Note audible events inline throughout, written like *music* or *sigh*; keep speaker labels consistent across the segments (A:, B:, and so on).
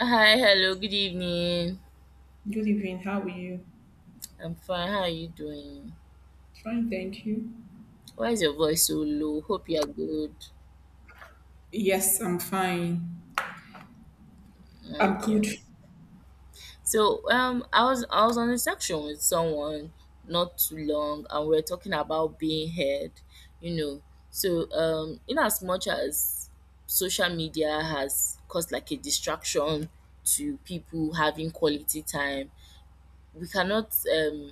A: Hi, hello, good evening.
B: Good evening. How are you?
A: I'm fine. How are you doing?
B: Fine, thank you.
A: Why is your voice so low? Hope you are good.
B: Yes, I'm fine. I'm
A: Okay.
B: good.
A: So I was on a section with someone not too long, and we are talking about being heard, you know. So in as much as social media has caused like a distraction to people having quality time, we cannot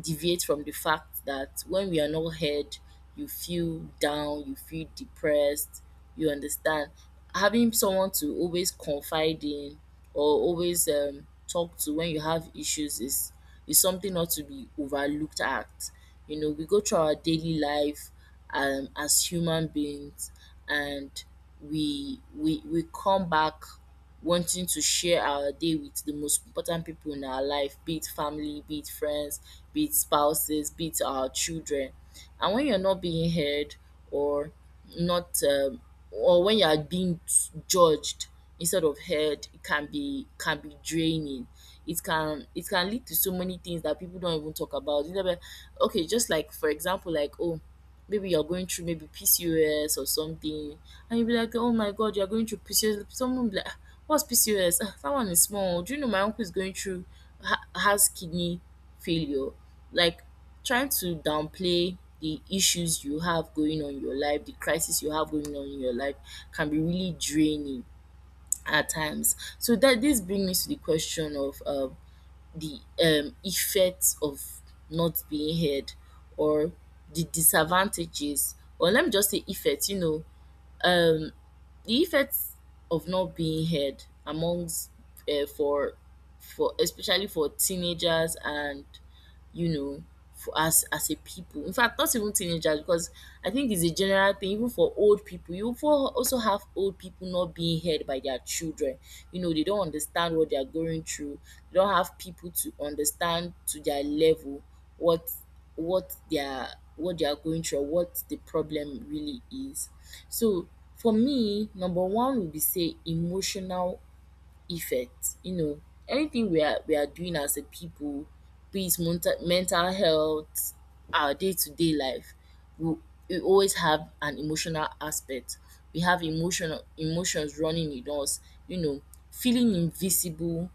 A: deviate from the fact that when we are not heard, you feel down, you feel depressed, you understand. Having someone to always confide in or always talk to when you have issues is something not to be overlooked at. You know, we go through our daily life as human beings, and we come back wanting to share our day with the most important people in our life, be it family, be it friends, be it spouses, be it our children. And when you're not being heard or not, or when you are being judged instead of heard, it can be draining. It can lead to so many things that people don't even talk about. You know, but okay, just like for example, like oh, maybe you're going through maybe PCOS or something, and you'll be like, oh my god, you're going through PCOS. Someone will be like, "Ah, what's PCOS? Ah, that one is small. Do you know my uncle is going through, has kidney failure?" Like, trying to downplay the issues you have going on in your life, the crisis you have going on in your life can be really draining at times. So that this brings me to the question of the effects of not being heard, or the disadvantages, or let me just say effects, you know. um the effects of not being heard amongst uh, for for especially for teenagers, and you know, for as a people. In fact, not even teenagers, because I think it's a general thing. Even for old people, you for also have old people not being heard by their children. You know, they don't understand what they are going through. They don't have people to understand to their level what what they are, what they are going through, or what the problem really is. So for me, number one would be say emotional effect. You know, anything we are doing as a people, be it mental health, our day to day life, we we always have an emotional aspect. We have emotional emotions running in us. You know, feeling invisible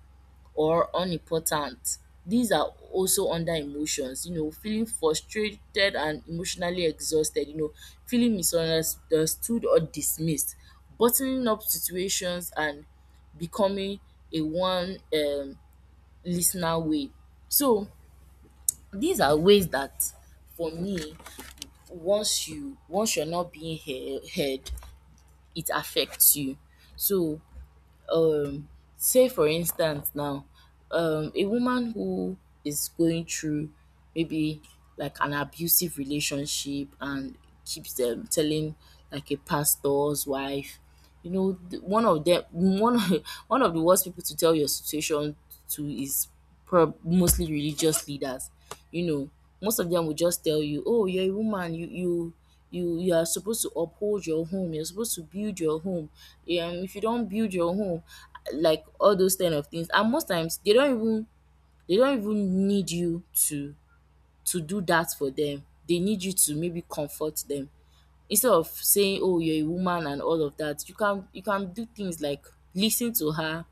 A: or unimportant. These are also under emotions, you know, feeling frustrated and emotionally exhausted, you know, feeling misunderstood or dismissed, bottling up situations, and becoming a one listener way. So these are ways that, for me, once you once you're not being heard, it affects you. So um say for instance now, a woman who is going through maybe like an abusive relationship and keeps telling like a pastor's wife, you know, th- one of them, one of, *laughs* one of the worst people to tell your situation to is mostly religious leaders. You know, most of them will just tell you, "Oh, you're a woman. You you are supposed to uphold your home. You're supposed to build your home. Yeah, if you don't build your home," like all those kind of things. And most times they don't even need you to do that for them. They need you to maybe comfort them instead of saying, oh, you're a woman and all of that. You can you can do things like listen to her,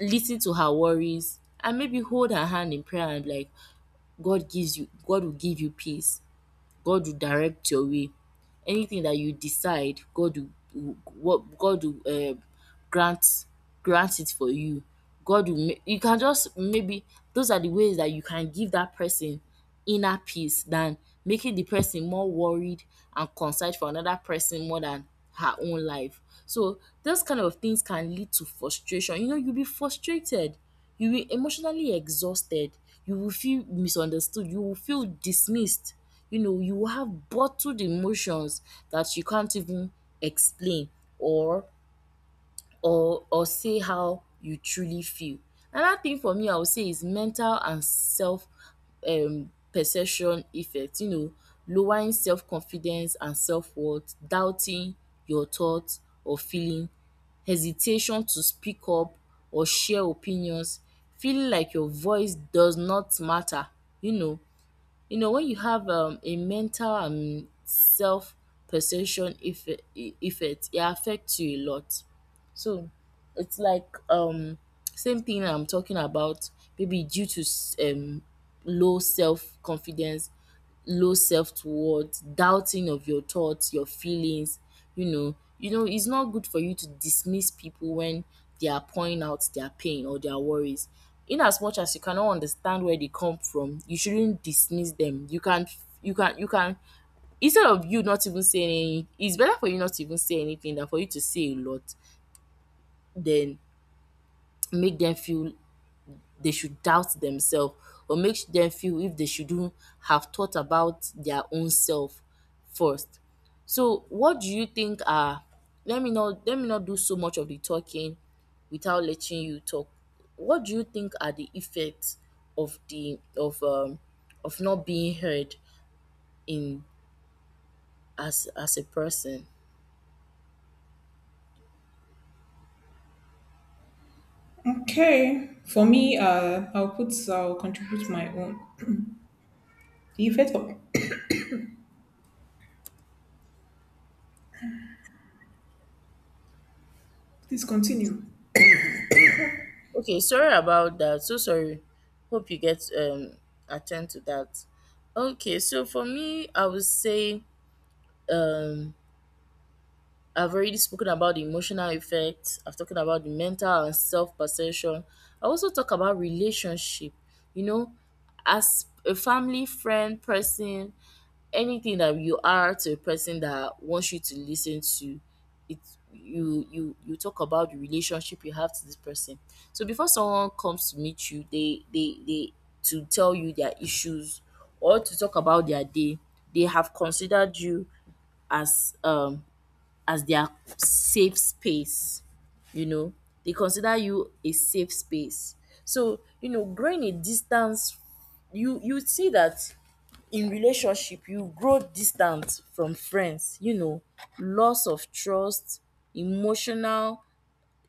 A: listen to her worries, and maybe hold her hand in prayer, and like, god gives you, god will give you peace, god will direct your way. Anything that you decide, god will what god will um grant, grant it for you. God will make you. Can just maybe those are the ways that you can give that person inner peace, than making the person more worried and concerned for another person more than her own life. So those kind of things can lead to frustration. You know, you'll be frustrated, you will emotionally exhausted, you will feel misunderstood, you will feel dismissed, you know, you will have bottled emotions that you can't even explain or or say how you truly feel. Another thing for me, I would say, is mental and self perception effect, you know, lowering self confidence and self worth, doubting your thought or feeling, hesitation to speak up or share opinions, feeling like your voice does not matter, you know. You know, when you have a mental and self perception effect, it affects you a lot. So it's like same thing I'm talking about, maybe due to low self confidence, low self-worth, doubting of your thoughts, your feelings, you know. You know, it's not good for you to dismiss people when they are pouring out their pain or their worries. In as much as you cannot understand where they come from, you shouldn't dismiss them. You can, instead of you not even saying any, it's better for you not to even say anything than for you to say a lot, then make them feel they should doubt themselves, or make them feel if they shouldn't have thought about their own self first. So what do you think are, let me not do so much of the talking without letting you talk. What do you think are the effects of the of not being heard in as a person?
B: Okay. For me, I'll put I'll contribute my own. The effect of please continue.
A: Okay, sorry about that. So sorry. Hope you get attend to that. Okay, so for me, I would say um I've already spoken about the emotional effects. I've talked about the mental and self perception. I also talk about relationship. You know, as a family, friend, person, anything that you are to a person that wants you to listen to, it you talk about the relationship you have to this person. So before someone comes to meet you, they to tell you their issues or to talk about their day, they have considered you as um as their safe space, you know. They consider you a safe space. So, you know, growing a distance, you see that in relationship, you grow distant from friends, you know, loss of trust, emotional,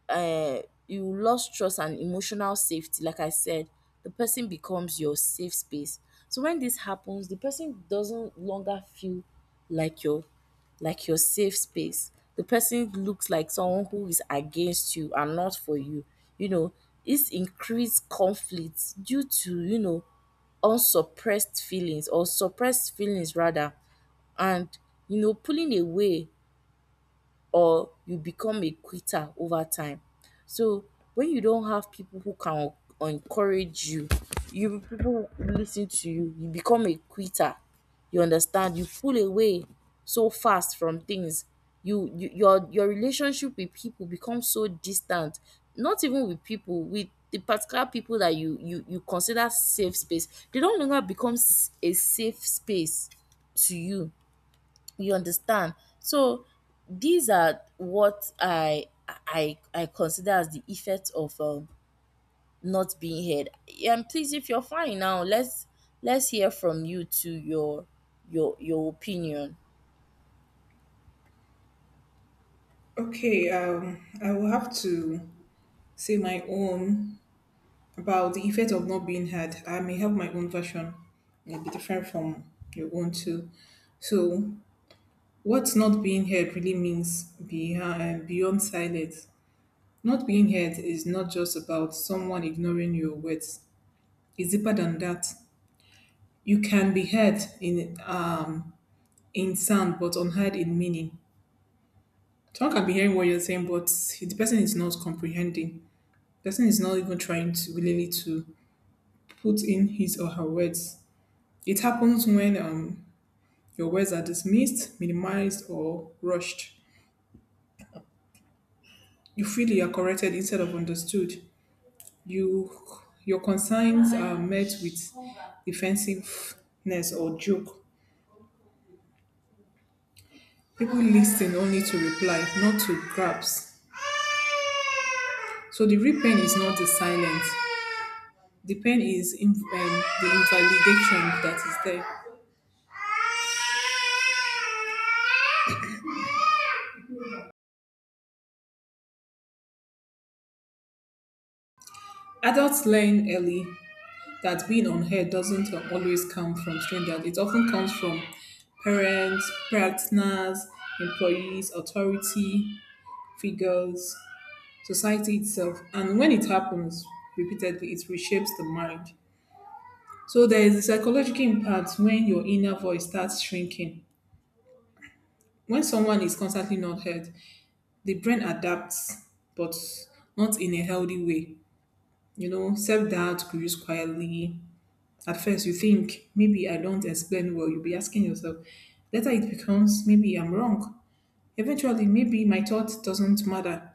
A: uh, you lost trust and emotional safety. Like I said, the person becomes your safe space. So when this happens, the person doesn't longer feel like your, like your safe space. The person looks like someone who is against you and not for you, you know. It's increased conflicts due to, you know, unsuppressed feelings or suppressed feelings rather, and, you know, pulling away, or you become a quitter over time. So when you don't have people who can encourage you, you, people who listen to you, you become a quitter. You understand? You pull away so fast from things. You your relationship with people becomes so distant. Not even with people, with the particular people that you consider safe space, they don't longer become a safe space to you, you understand. So these are what I consider as the effects of not being heard. And please, if you're fine now, let's hear from you, to your opinion.
B: Okay. I will have to say my own about the effect of not being heard. I may have my own version. It'll be different from your own too. So, what's not being heard really means behind beyond silence. Not being heard is not just about someone ignoring your words. It's deeper than that. You can be heard in sound, but unheard in meaning. Someone can be hearing what you're saying, but the person is not comprehending. The person is not even trying to really to put in his or her words. It happens when your words are dismissed, minimized, or rushed. You feel you are corrected instead of understood. You your concerns are met with defensiveness or joke. People listen only to reply, not to grasp. So the real pain is not the silence. The pain is in, the invalidation that is there. Adults learn early that being unheard doesn't always come from strangers. It often comes from parents, partners, employees, authority figures, society itself. And when it happens repeatedly, it reshapes the mind. So there is a psychological impact when your inner voice starts shrinking. When someone is constantly not heard, the brain adapts, but not in a healthy way. You know, self doubt grows quietly. At first, you think maybe I don't explain well. You'll be asking yourself. Later, it becomes maybe I'm wrong. Eventually, maybe my thought doesn't matter.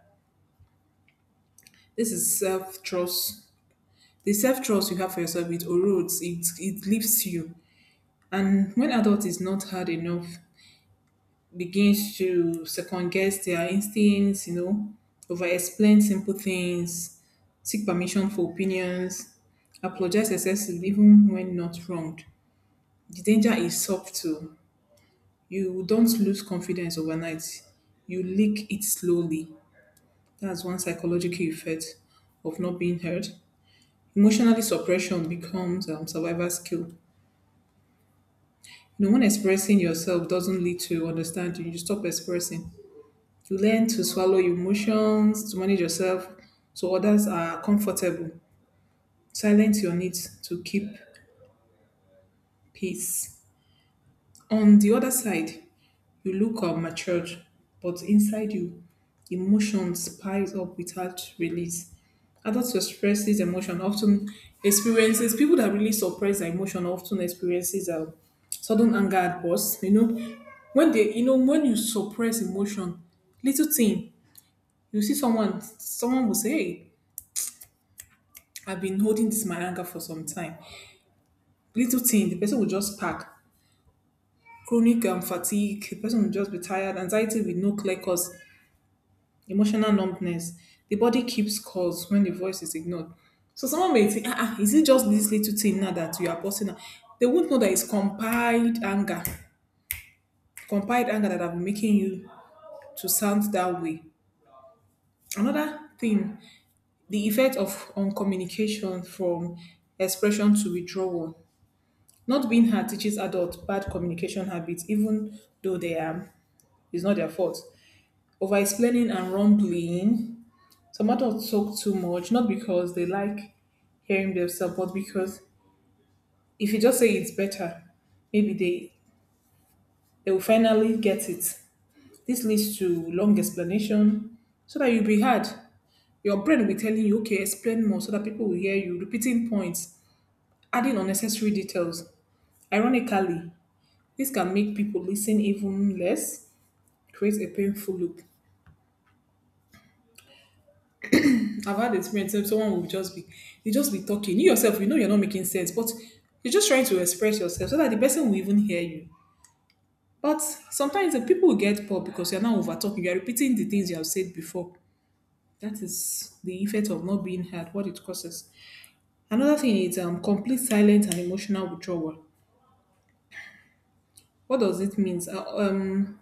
B: This is self trust, the self-trust you have for yourself, it erodes, it leaves you. And when adult is not hard enough, begins to second guess their instincts, you know, over explain simple things, seek permission for opinions, apologize excessively even when not wronged. The danger is subtle. You don't lose confidence overnight, you leak it slowly. That's one psychological effect of not being heard. Emotionally suppression becomes survival skill. No one expressing yourself doesn't lead to understanding. You stop expressing. You learn to swallow your emotions, to manage yourself so others are comfortable. Silence your needs to keep peace. On the other side, you look matured, but inside you, emotions piles up without release. Adults who express this emotion often experiences, people that really suppress their emotion often experiences sudden anger at burst. You know, when they, you know, when you suppress emotion, little thing, you see someone, someone will say, "Hey, I've been holding this my anger for some time." Little thing, the person will just pack. Chronic fatigue, the person will just be tired. Anxiety with no clear cause, emotional numbness. The body keeps scores when the voice is ignored. So someone may think, ah, ah, is it just this little thing now that you are posting now?" They won't know that it's compiled anger that have been making you to sound that way. Another thing, the effect of on communication from expression to withdrawal. Not being heard teaches adults bad communication habits, even though they are, it's not their fault. Over explaining and rumbling. Some adults talk too much, not because they like hearing themselves, but because if you just say it's better, maybe they will finally get it. This leads to long explanation, so that you'll be hard. Your brain will be telling you, okay, explain more, so that people will hear you, repeating points, adding unnecessary details. Ironically, this can make people listen even less, create a painful loop. I've had experience where someone will just be, you just be talking. You yourself, you know you're not making sense, but you're just trying to express yourself so that the person will even hear you. But sometimes the people will get poor because you're now over talking. You're repeating the things you have said before. That is the effect of not being heard, what it causes. Another thing is complete silence and emotional withdrawal. What does it mean?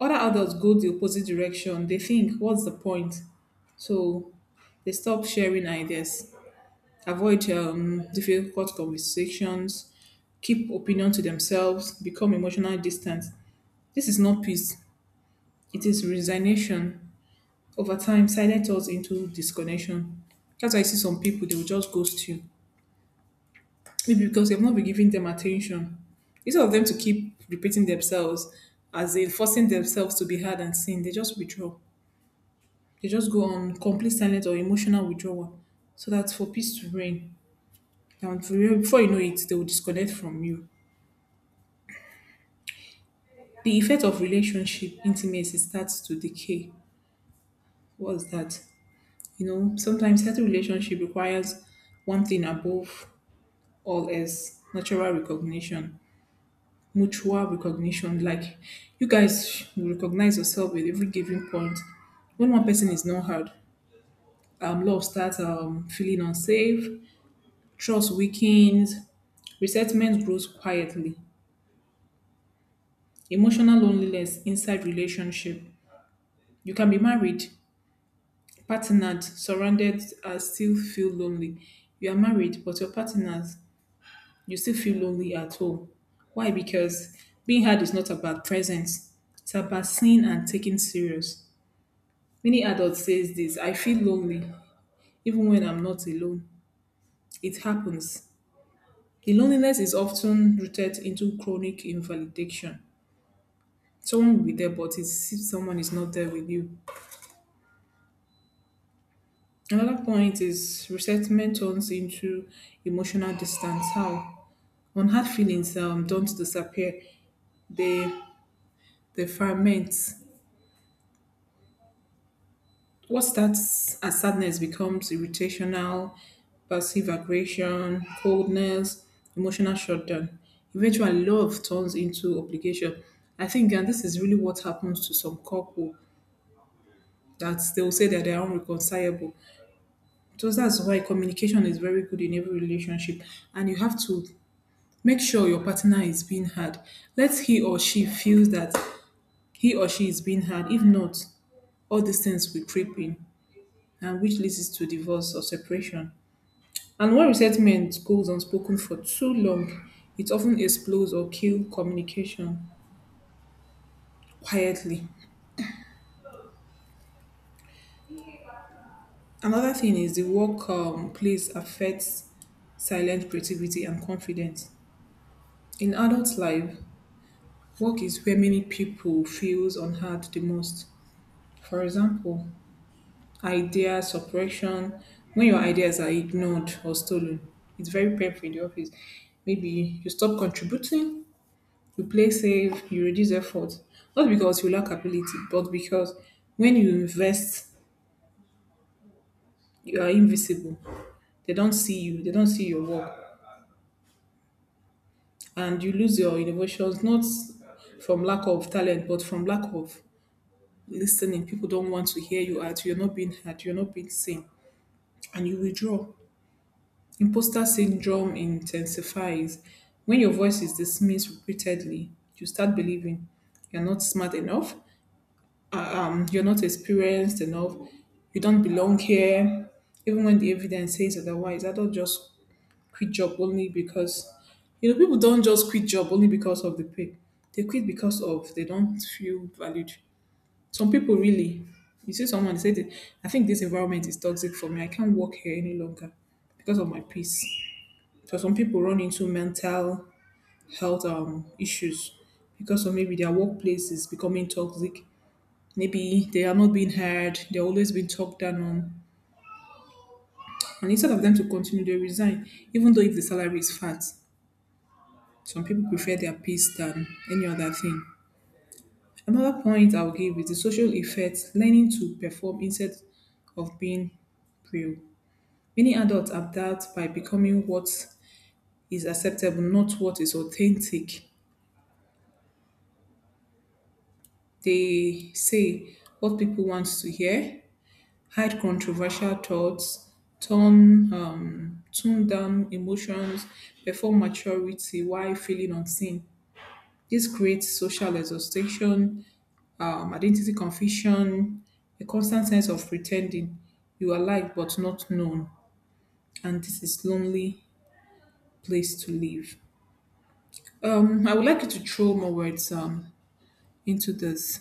B: Other adults go the opposite direction. They think, what's the point? So they stop sharing ideas, avoid difficult conversations, keep opinion to themselves, become emotional distant. This is not peace, it is resignation. Over time, silence turns into disconnection. That's why I see some people, they will just ghost you. Maybe because you've not been giving them attention. Instead of them to keep repeating themselves, as in forcing themselves to be heard and seen, they just withdraw. They just go on complete silence or emotional withdrawal. So that's for peace to reign. And before you know it, they will disconnect from you. The effect of relationship intimacy starts to decay. What's that? You know, sometimes healthy relationship requires one thing above all else, natural recognition, mutual recognition. Like you guys should recognize yourself at every given point. When one person is not heard, love starts feeling unsafe, trust weakens, resentment grows quietly, emotional loneliness inside relationship. You can be married, partnered, surrounded, and still feel lonely. You are married, but your partners, you still feel lonely at home. Why? Because being hard is not about presence. It's about seen and taken serious. Many adults says this, I feel lonely even when I'm not alone. It happens. The loneliness is often rooted into chronic invalidation. Someone will be there, but it's if someone is not there with you. Another point is resentment turns into emotional distance. How? When feelings don't disappear, they they ferment. What starts as sadness becomes irritational, passive aggression, coldness, emotional shutdown. Eventually, love turns into obligation. I think, and this is really what happens to some couple that they will say that they are unreconcilable. So that's why communication is very good in every relationship, and you have to make sure your partner is being heard. Let he or she feel that he or she is being heard. If not, all these things will creep in, and which leads to divorce or separation. And when resentment goes unspoken for too long, it often explodes or kills communication quietly. Another thing is the work place affects silent creativity and confidence. In adult life, work is where many people feels unheard the most. For example, idea suppression, when your ideas are ignored or stolen, it's very painful in the office. Maybe you stop contributing, you play safe, you reduce effort, not because you lack ability, but because when you invest you are invisible. They don't see you, they don't see your work, and you lose your innovations, not from lack of talent, but from lack of listening. People don't want to hear you out, you're not being heard, you're not being seen, and you withdraw. Imposter syndrome intensifies when your voice is dismissed repeatedly. You start believing you're not smart enough, you're not experienced enough, you don't belong here. Even when the evidence says otherwise, I don't just quit job only because, you know, people don't just quit job only because of the pay. They quit because of they don't feel valued. Some people really, you see someone they say, that, "I think this environment is toxic for me. I can't work here any longer because of my peace." So some people run into mental health issues because of maybe their workplace is becoming toxic. Maybe they are not being heard. They're always being talked down on. And instead of them to continue, they resign, even though if the salary is fat. Some people prefer their peace than any other thing. Another point I'll give is the social effect, learning to perform instead of being real. Many adults adapt by becoming what is acceptable, not what is authentic. They say what people want to hear, hide controversial thoughts, turn tone down emotions, perform maturity while feeling unseen. This creates social exhaustion, identity confusion, a constant sense of pretending you are liked but not known, and this is lonely place to live. I would like you to throw more words into this.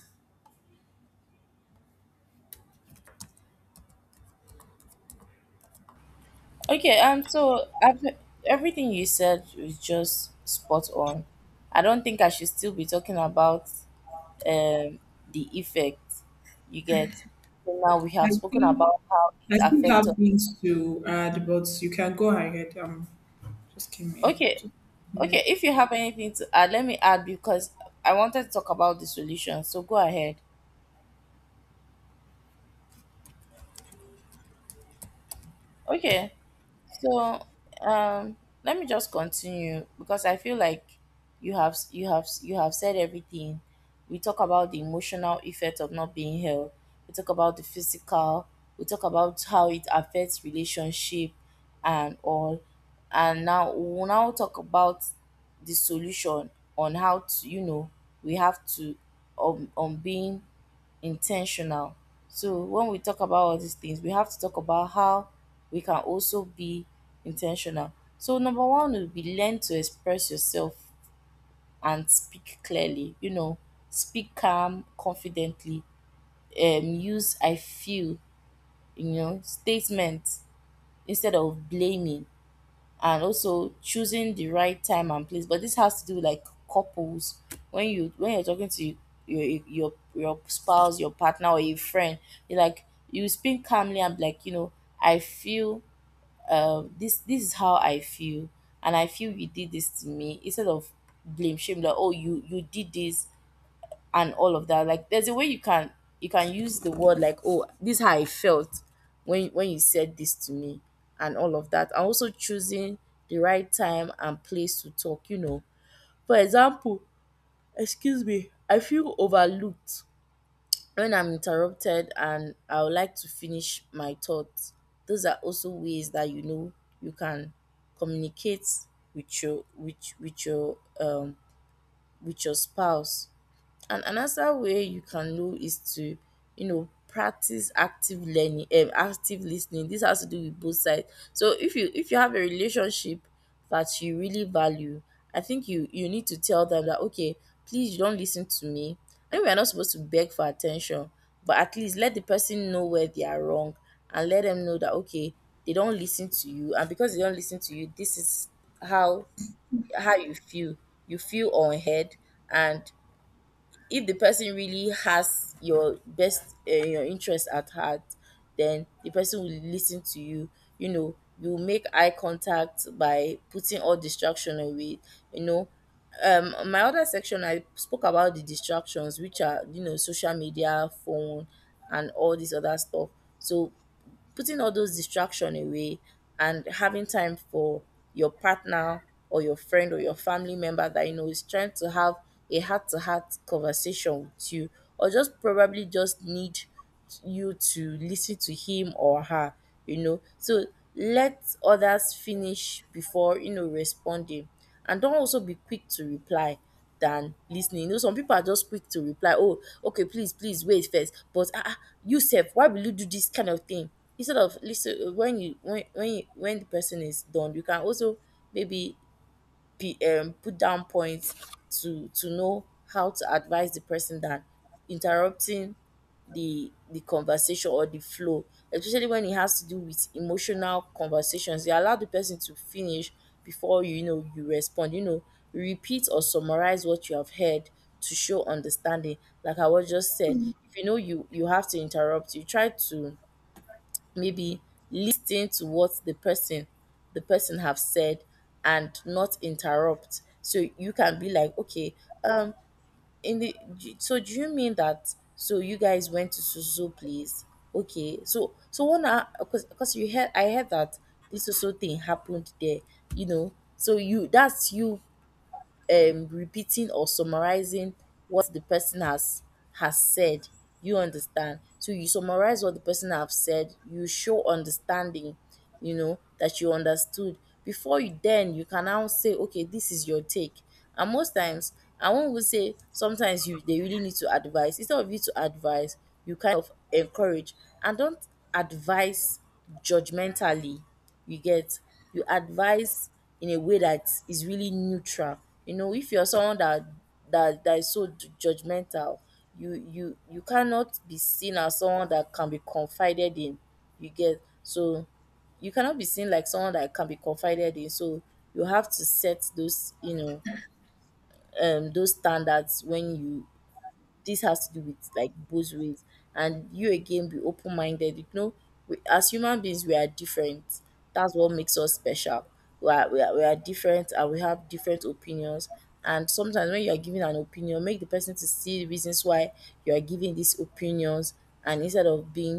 A: Okay, so after everything you said is just spot on, I don't think I should still be talking about um the effect, you get. So now we
B: I
A: have spoken
B: think
A: about how it
B: I still
A: affects
B: have
A: us.
B: things to add, but you can go ahead. Just came here.
A: Okay,
B: Just, yeah.
A: okay. If you have anything to add, let me add, because I wanted to talk about the solution. So go ahead. Okay. So um, let me just continue, because I feel like you have said everything. We talk about the emotional effect of not being held. We talk about the physical. We talk about how it affects relationship and all. And now we'll now talk about the solution on how to, you know, we have to, on being intentional. So when we talk about all these things, we have to talk about how we can also be intentional. So number one will be, learn to express yourself and speak clearly. You know, speak calm, confidently. Use I feel, you know, statements instead of blaming, and also choosing the right time and place. But this has to do with like couples. When you when you're talking to your spouse, your partner, or your friend, you like, you speak calmly and be like, you know, I feel this this is how I feel, and I feel you did this to me, instead of blame shame like, oh, you did this and all of that. Like there's a way you can use the word like, oh, this is how I felt when you said this to me and all of that. And also choosing the right time and place to talk, you know. For example, excuse me, I feel overlooked when I'm interrupted and I would like to finish my thoughts. Those are also ways that you know you can communicate with your with with your um with your spouse. And another way you can know is to, you know, practice active learning active listening. This has to do with both sides. So if you have a relationship that you really value, I think you need to tell them that, okay, please, you don't listen to me. I mean, we are not supposed to beg for attention, but at least let the person know where they are wrong, and let them know that, okay, they don't listen to you, and because they don't listen to you, this is how how you feel. You feel unheard. And if the person really has your best your interest at heart, then the person will listen to you. You know, you make eye contact by putting all distraction away, you know. On my other section I spoke about the distractions, which are, you know, social media, phone, and all this other stuff. So putting all those distraction away and having time for your partner or your friend or your family member that you know is trying to have a heart to heart conversation with you, or just probably just need you to listen to him or her, you know. So let others finish before, you know, responding, and don't also be quick to reply than listening. You know, some people are just quick to reply, "Oh, okay, please, please wait first. But ah, ah, you sef, why will you do this kind of thing?" Instead of listen, when when the person is done, you can also maybe put down points to know how to advise the person than interrupting the conversation or the flow, especially when it has to do with emotional conversations. You allow the person to finish before you, you know, you respond. You know, repeat or summarize what you have heard to show understanding. Like I was just said, if you know you have to interrupt, you try to maybe listen to what the person have said and not interrupt, so you can be like, okay, um in the so, do you mean that so you guys went to Susu place? Okay, so so one because you heard, I heard that this Susu thing happened there, you know. So you, that's you repeating or summarizing what the person has said, you understand. So you summarize what the person have said, you show understanding, you know, that you understood before you, then you can now say, okay, this is your take. And most times, I won't even say sometimes, you, they really need to advise instead of you to advise. You kind of encourage and don't advise judgmentally, you get? You advise in a way that is really neutral. You know, if you're someone that is so judgmental, you cannot be seen as someone that can be confided in, you get? So you cannot be seen like someone that can be confided in. So you have to set those, you know, those standards when you, this has to do with like both ways. And you again, be open minded, you know. We, as human beings, we are different. That's what makes us special. We are, we are different, and we have different opinions. And sometimes when you are giving an opinion, make the person to see the reasons why you are giving these opinions, and instead of being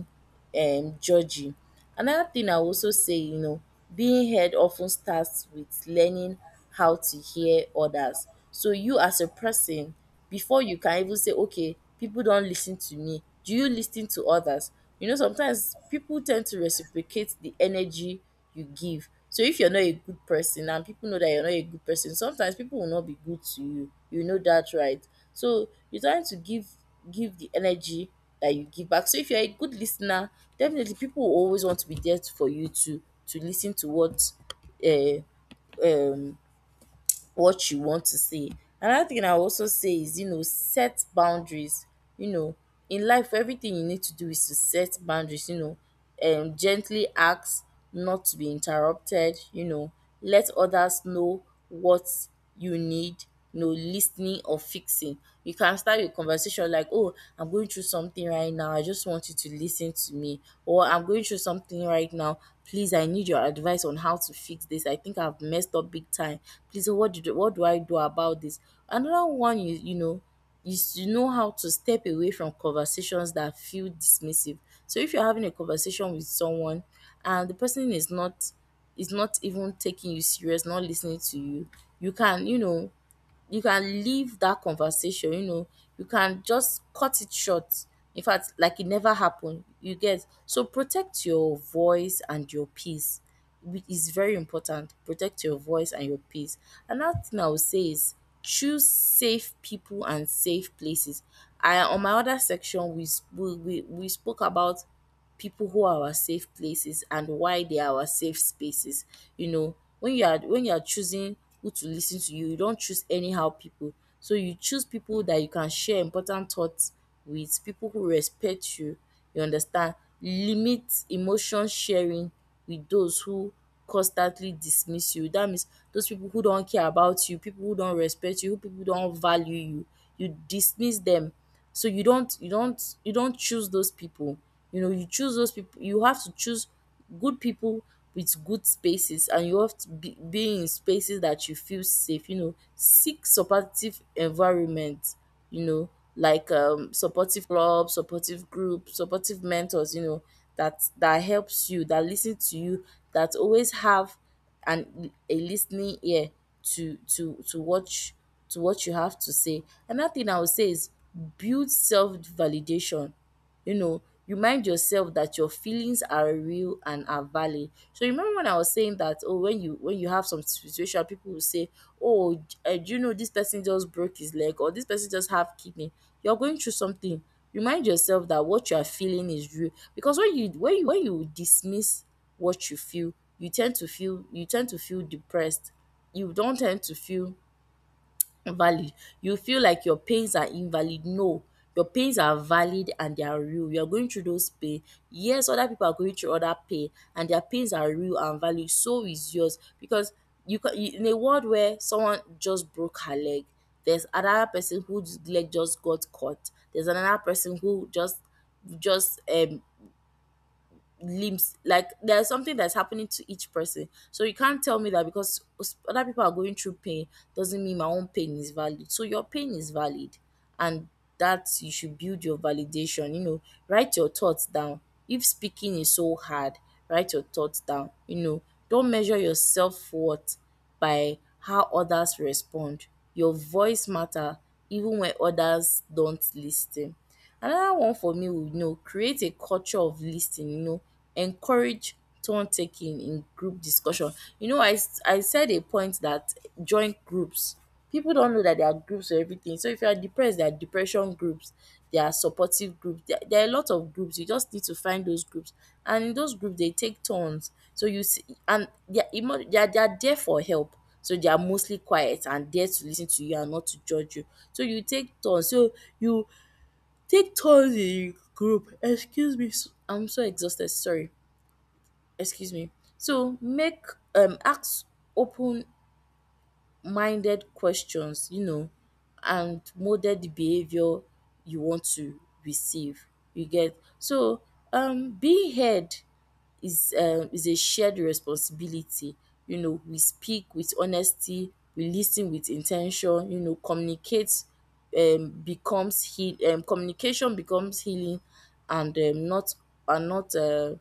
A: judgy. Another thing I will also say, you know, being heard often starts with learning how to hear others. So you, as a person, before you can even say, okay, people don't listen to me, do you listen to others? You know, sometimes people tend to reciprocate the energy you give. So if you're not a good person and people know that you're not a good person, sometimes people will not be good to you. You know that, right? So you're trying to give, give the energy that you give back. So if you're a good listener, definitely people will always want to be there for you to listen to uh, what you want to say. Another thing I also say is, you know, set boundaries. You know, in life, everything you need to do is to set boundaries, you know, and gently ask not to be interrupted, you know, let others know what you need, no listening or fixing. You can start a conversation like, "Oh, I'm going through something right now. I just want you to listen to me." Or, "I'm going through something right now. Please, I need your advice on how to fix this. I think I've messed up big time. Please, what do I do about this?" Another one is, you know, is to know how to step away from conversations that feel dismissive. So if you're having a conversation with someone and the person is not, is not even taking you serious, not listening to you, you can, you know, you can leave that conversation, you know, you can just cut it short. In fact, like it never happened. You get? So protect your voice and your peace. It is very important. Protect your voice and your peace. Another thing I would say is choose safe people and safe places. I, on my other section, we we we spoke about people who are our safe places and why they are our safe spaces. You know, when you are choosing who to listen to you, you don't choose anyhow people. So you choose people that you can share important thoughts with, people who respect you, you understand? Limit emotion sharing with those who constantly dismiss you. That means those people who don't care about you, people who don't respect you, who people who don't value you, you dismiss them. So you don't choose those people, you know, you choose those people. You have to choose good people with good spaces. And you have to be in spaces that you feel safe, you know. Seek supportive environment, you know, like supportive club, supportive group, supportive mentors, you know, that helps you, that listen to you, that always have and a listening ear to to what you, to what you have to say. Another thing I would say is build self validation, you know, remind yourself that your feelings are real and are valid. So you remember when I was saying that, oh, when you have some situation, people will say, oh, do you know this person just broke his leg, or this person just have kidney? You're going through something. Remind yourself that what you are feeling is real, because when you dismiss what you feel, you tend to feel depressed. You don't tend to feel valid. You feel like your pains are invalid. No, your pains are valid and they are real. You are going through those pain. Yes, other people are going through other pain, and their pains are real and valid. So is yours. Because you can, in a world where someone just broke her leg, there's another person whose leg just got cut. There's another person who just just um limbs, like there's something that's happening to each person. So you can't tell me that because other people are going through pain doesn't mean my own pain is valid. So your pain is valid. And that you should build your validation, you know, write your thoughts down. If speaking is so hard, write your thoughts down, you know. Don't measure yourself worth by how others respond. Your voice matter even when others don't listen. Another one for me would, you know, create a culture of lis ten ing you know. Encourage turn taking in group discussion. You know, I said a point that, join groups. People don't know that there are groups for everything. So if you are depressed, there are depression groups, there are supportive groups. There are a lot of groups, you just need to find those groups. And in those groups, they take turns. So you see, and they are they are, they are there for help. So they are mostly quiet and there to listen to you and not to judge you. So you take turn. So you, take turns in group. Excuse me, I'm so exhausted, sorry, excuse me. So make acts open minded questions, you know, and molded the behavior you want to receive. You get? So being heard is, is a shared responsibility. You know, we speak with honesty, we lis ten with in ten tion, you know. Communicate becomes heal Communication becomes healing and not, and not um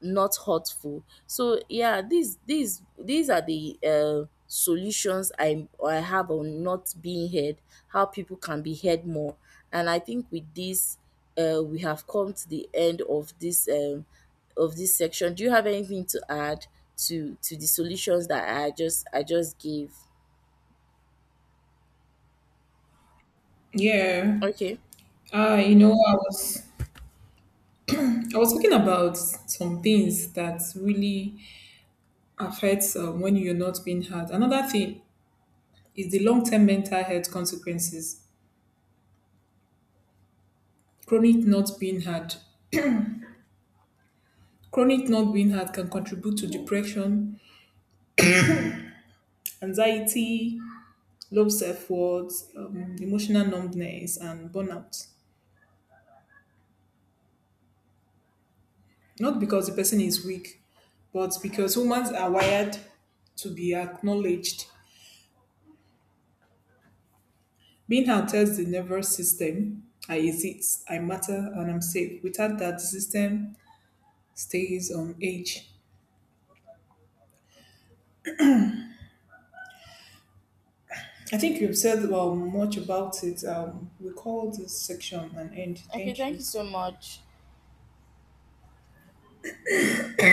A: not hurtful. So yeah, these are the solutions I have on not being heard, how people can be heard more. And I think with this, we have come to the end of this section. Do you have anything to add to the solutions that I just gave?
B: Yeah.
A: Okay.
B: You know, I was talking about some things that really affects when you're not being heard. Another thing is the long-term mental health consequences. Chronic not being heard. Chronic not being heard can contribute to depression, anxiety, low self-worth, emotional numbness, and burnout. Not because the person is weak, but because humans are wired to be acknowledged. Being held tells the nervous system, I exist, I matter, and I'm safe. Without that, the system stays on edge. I think you've said well, much about it. We call this section an end.
A: Okay.
B: Thank
A: Thank
B: you.
A: you so much.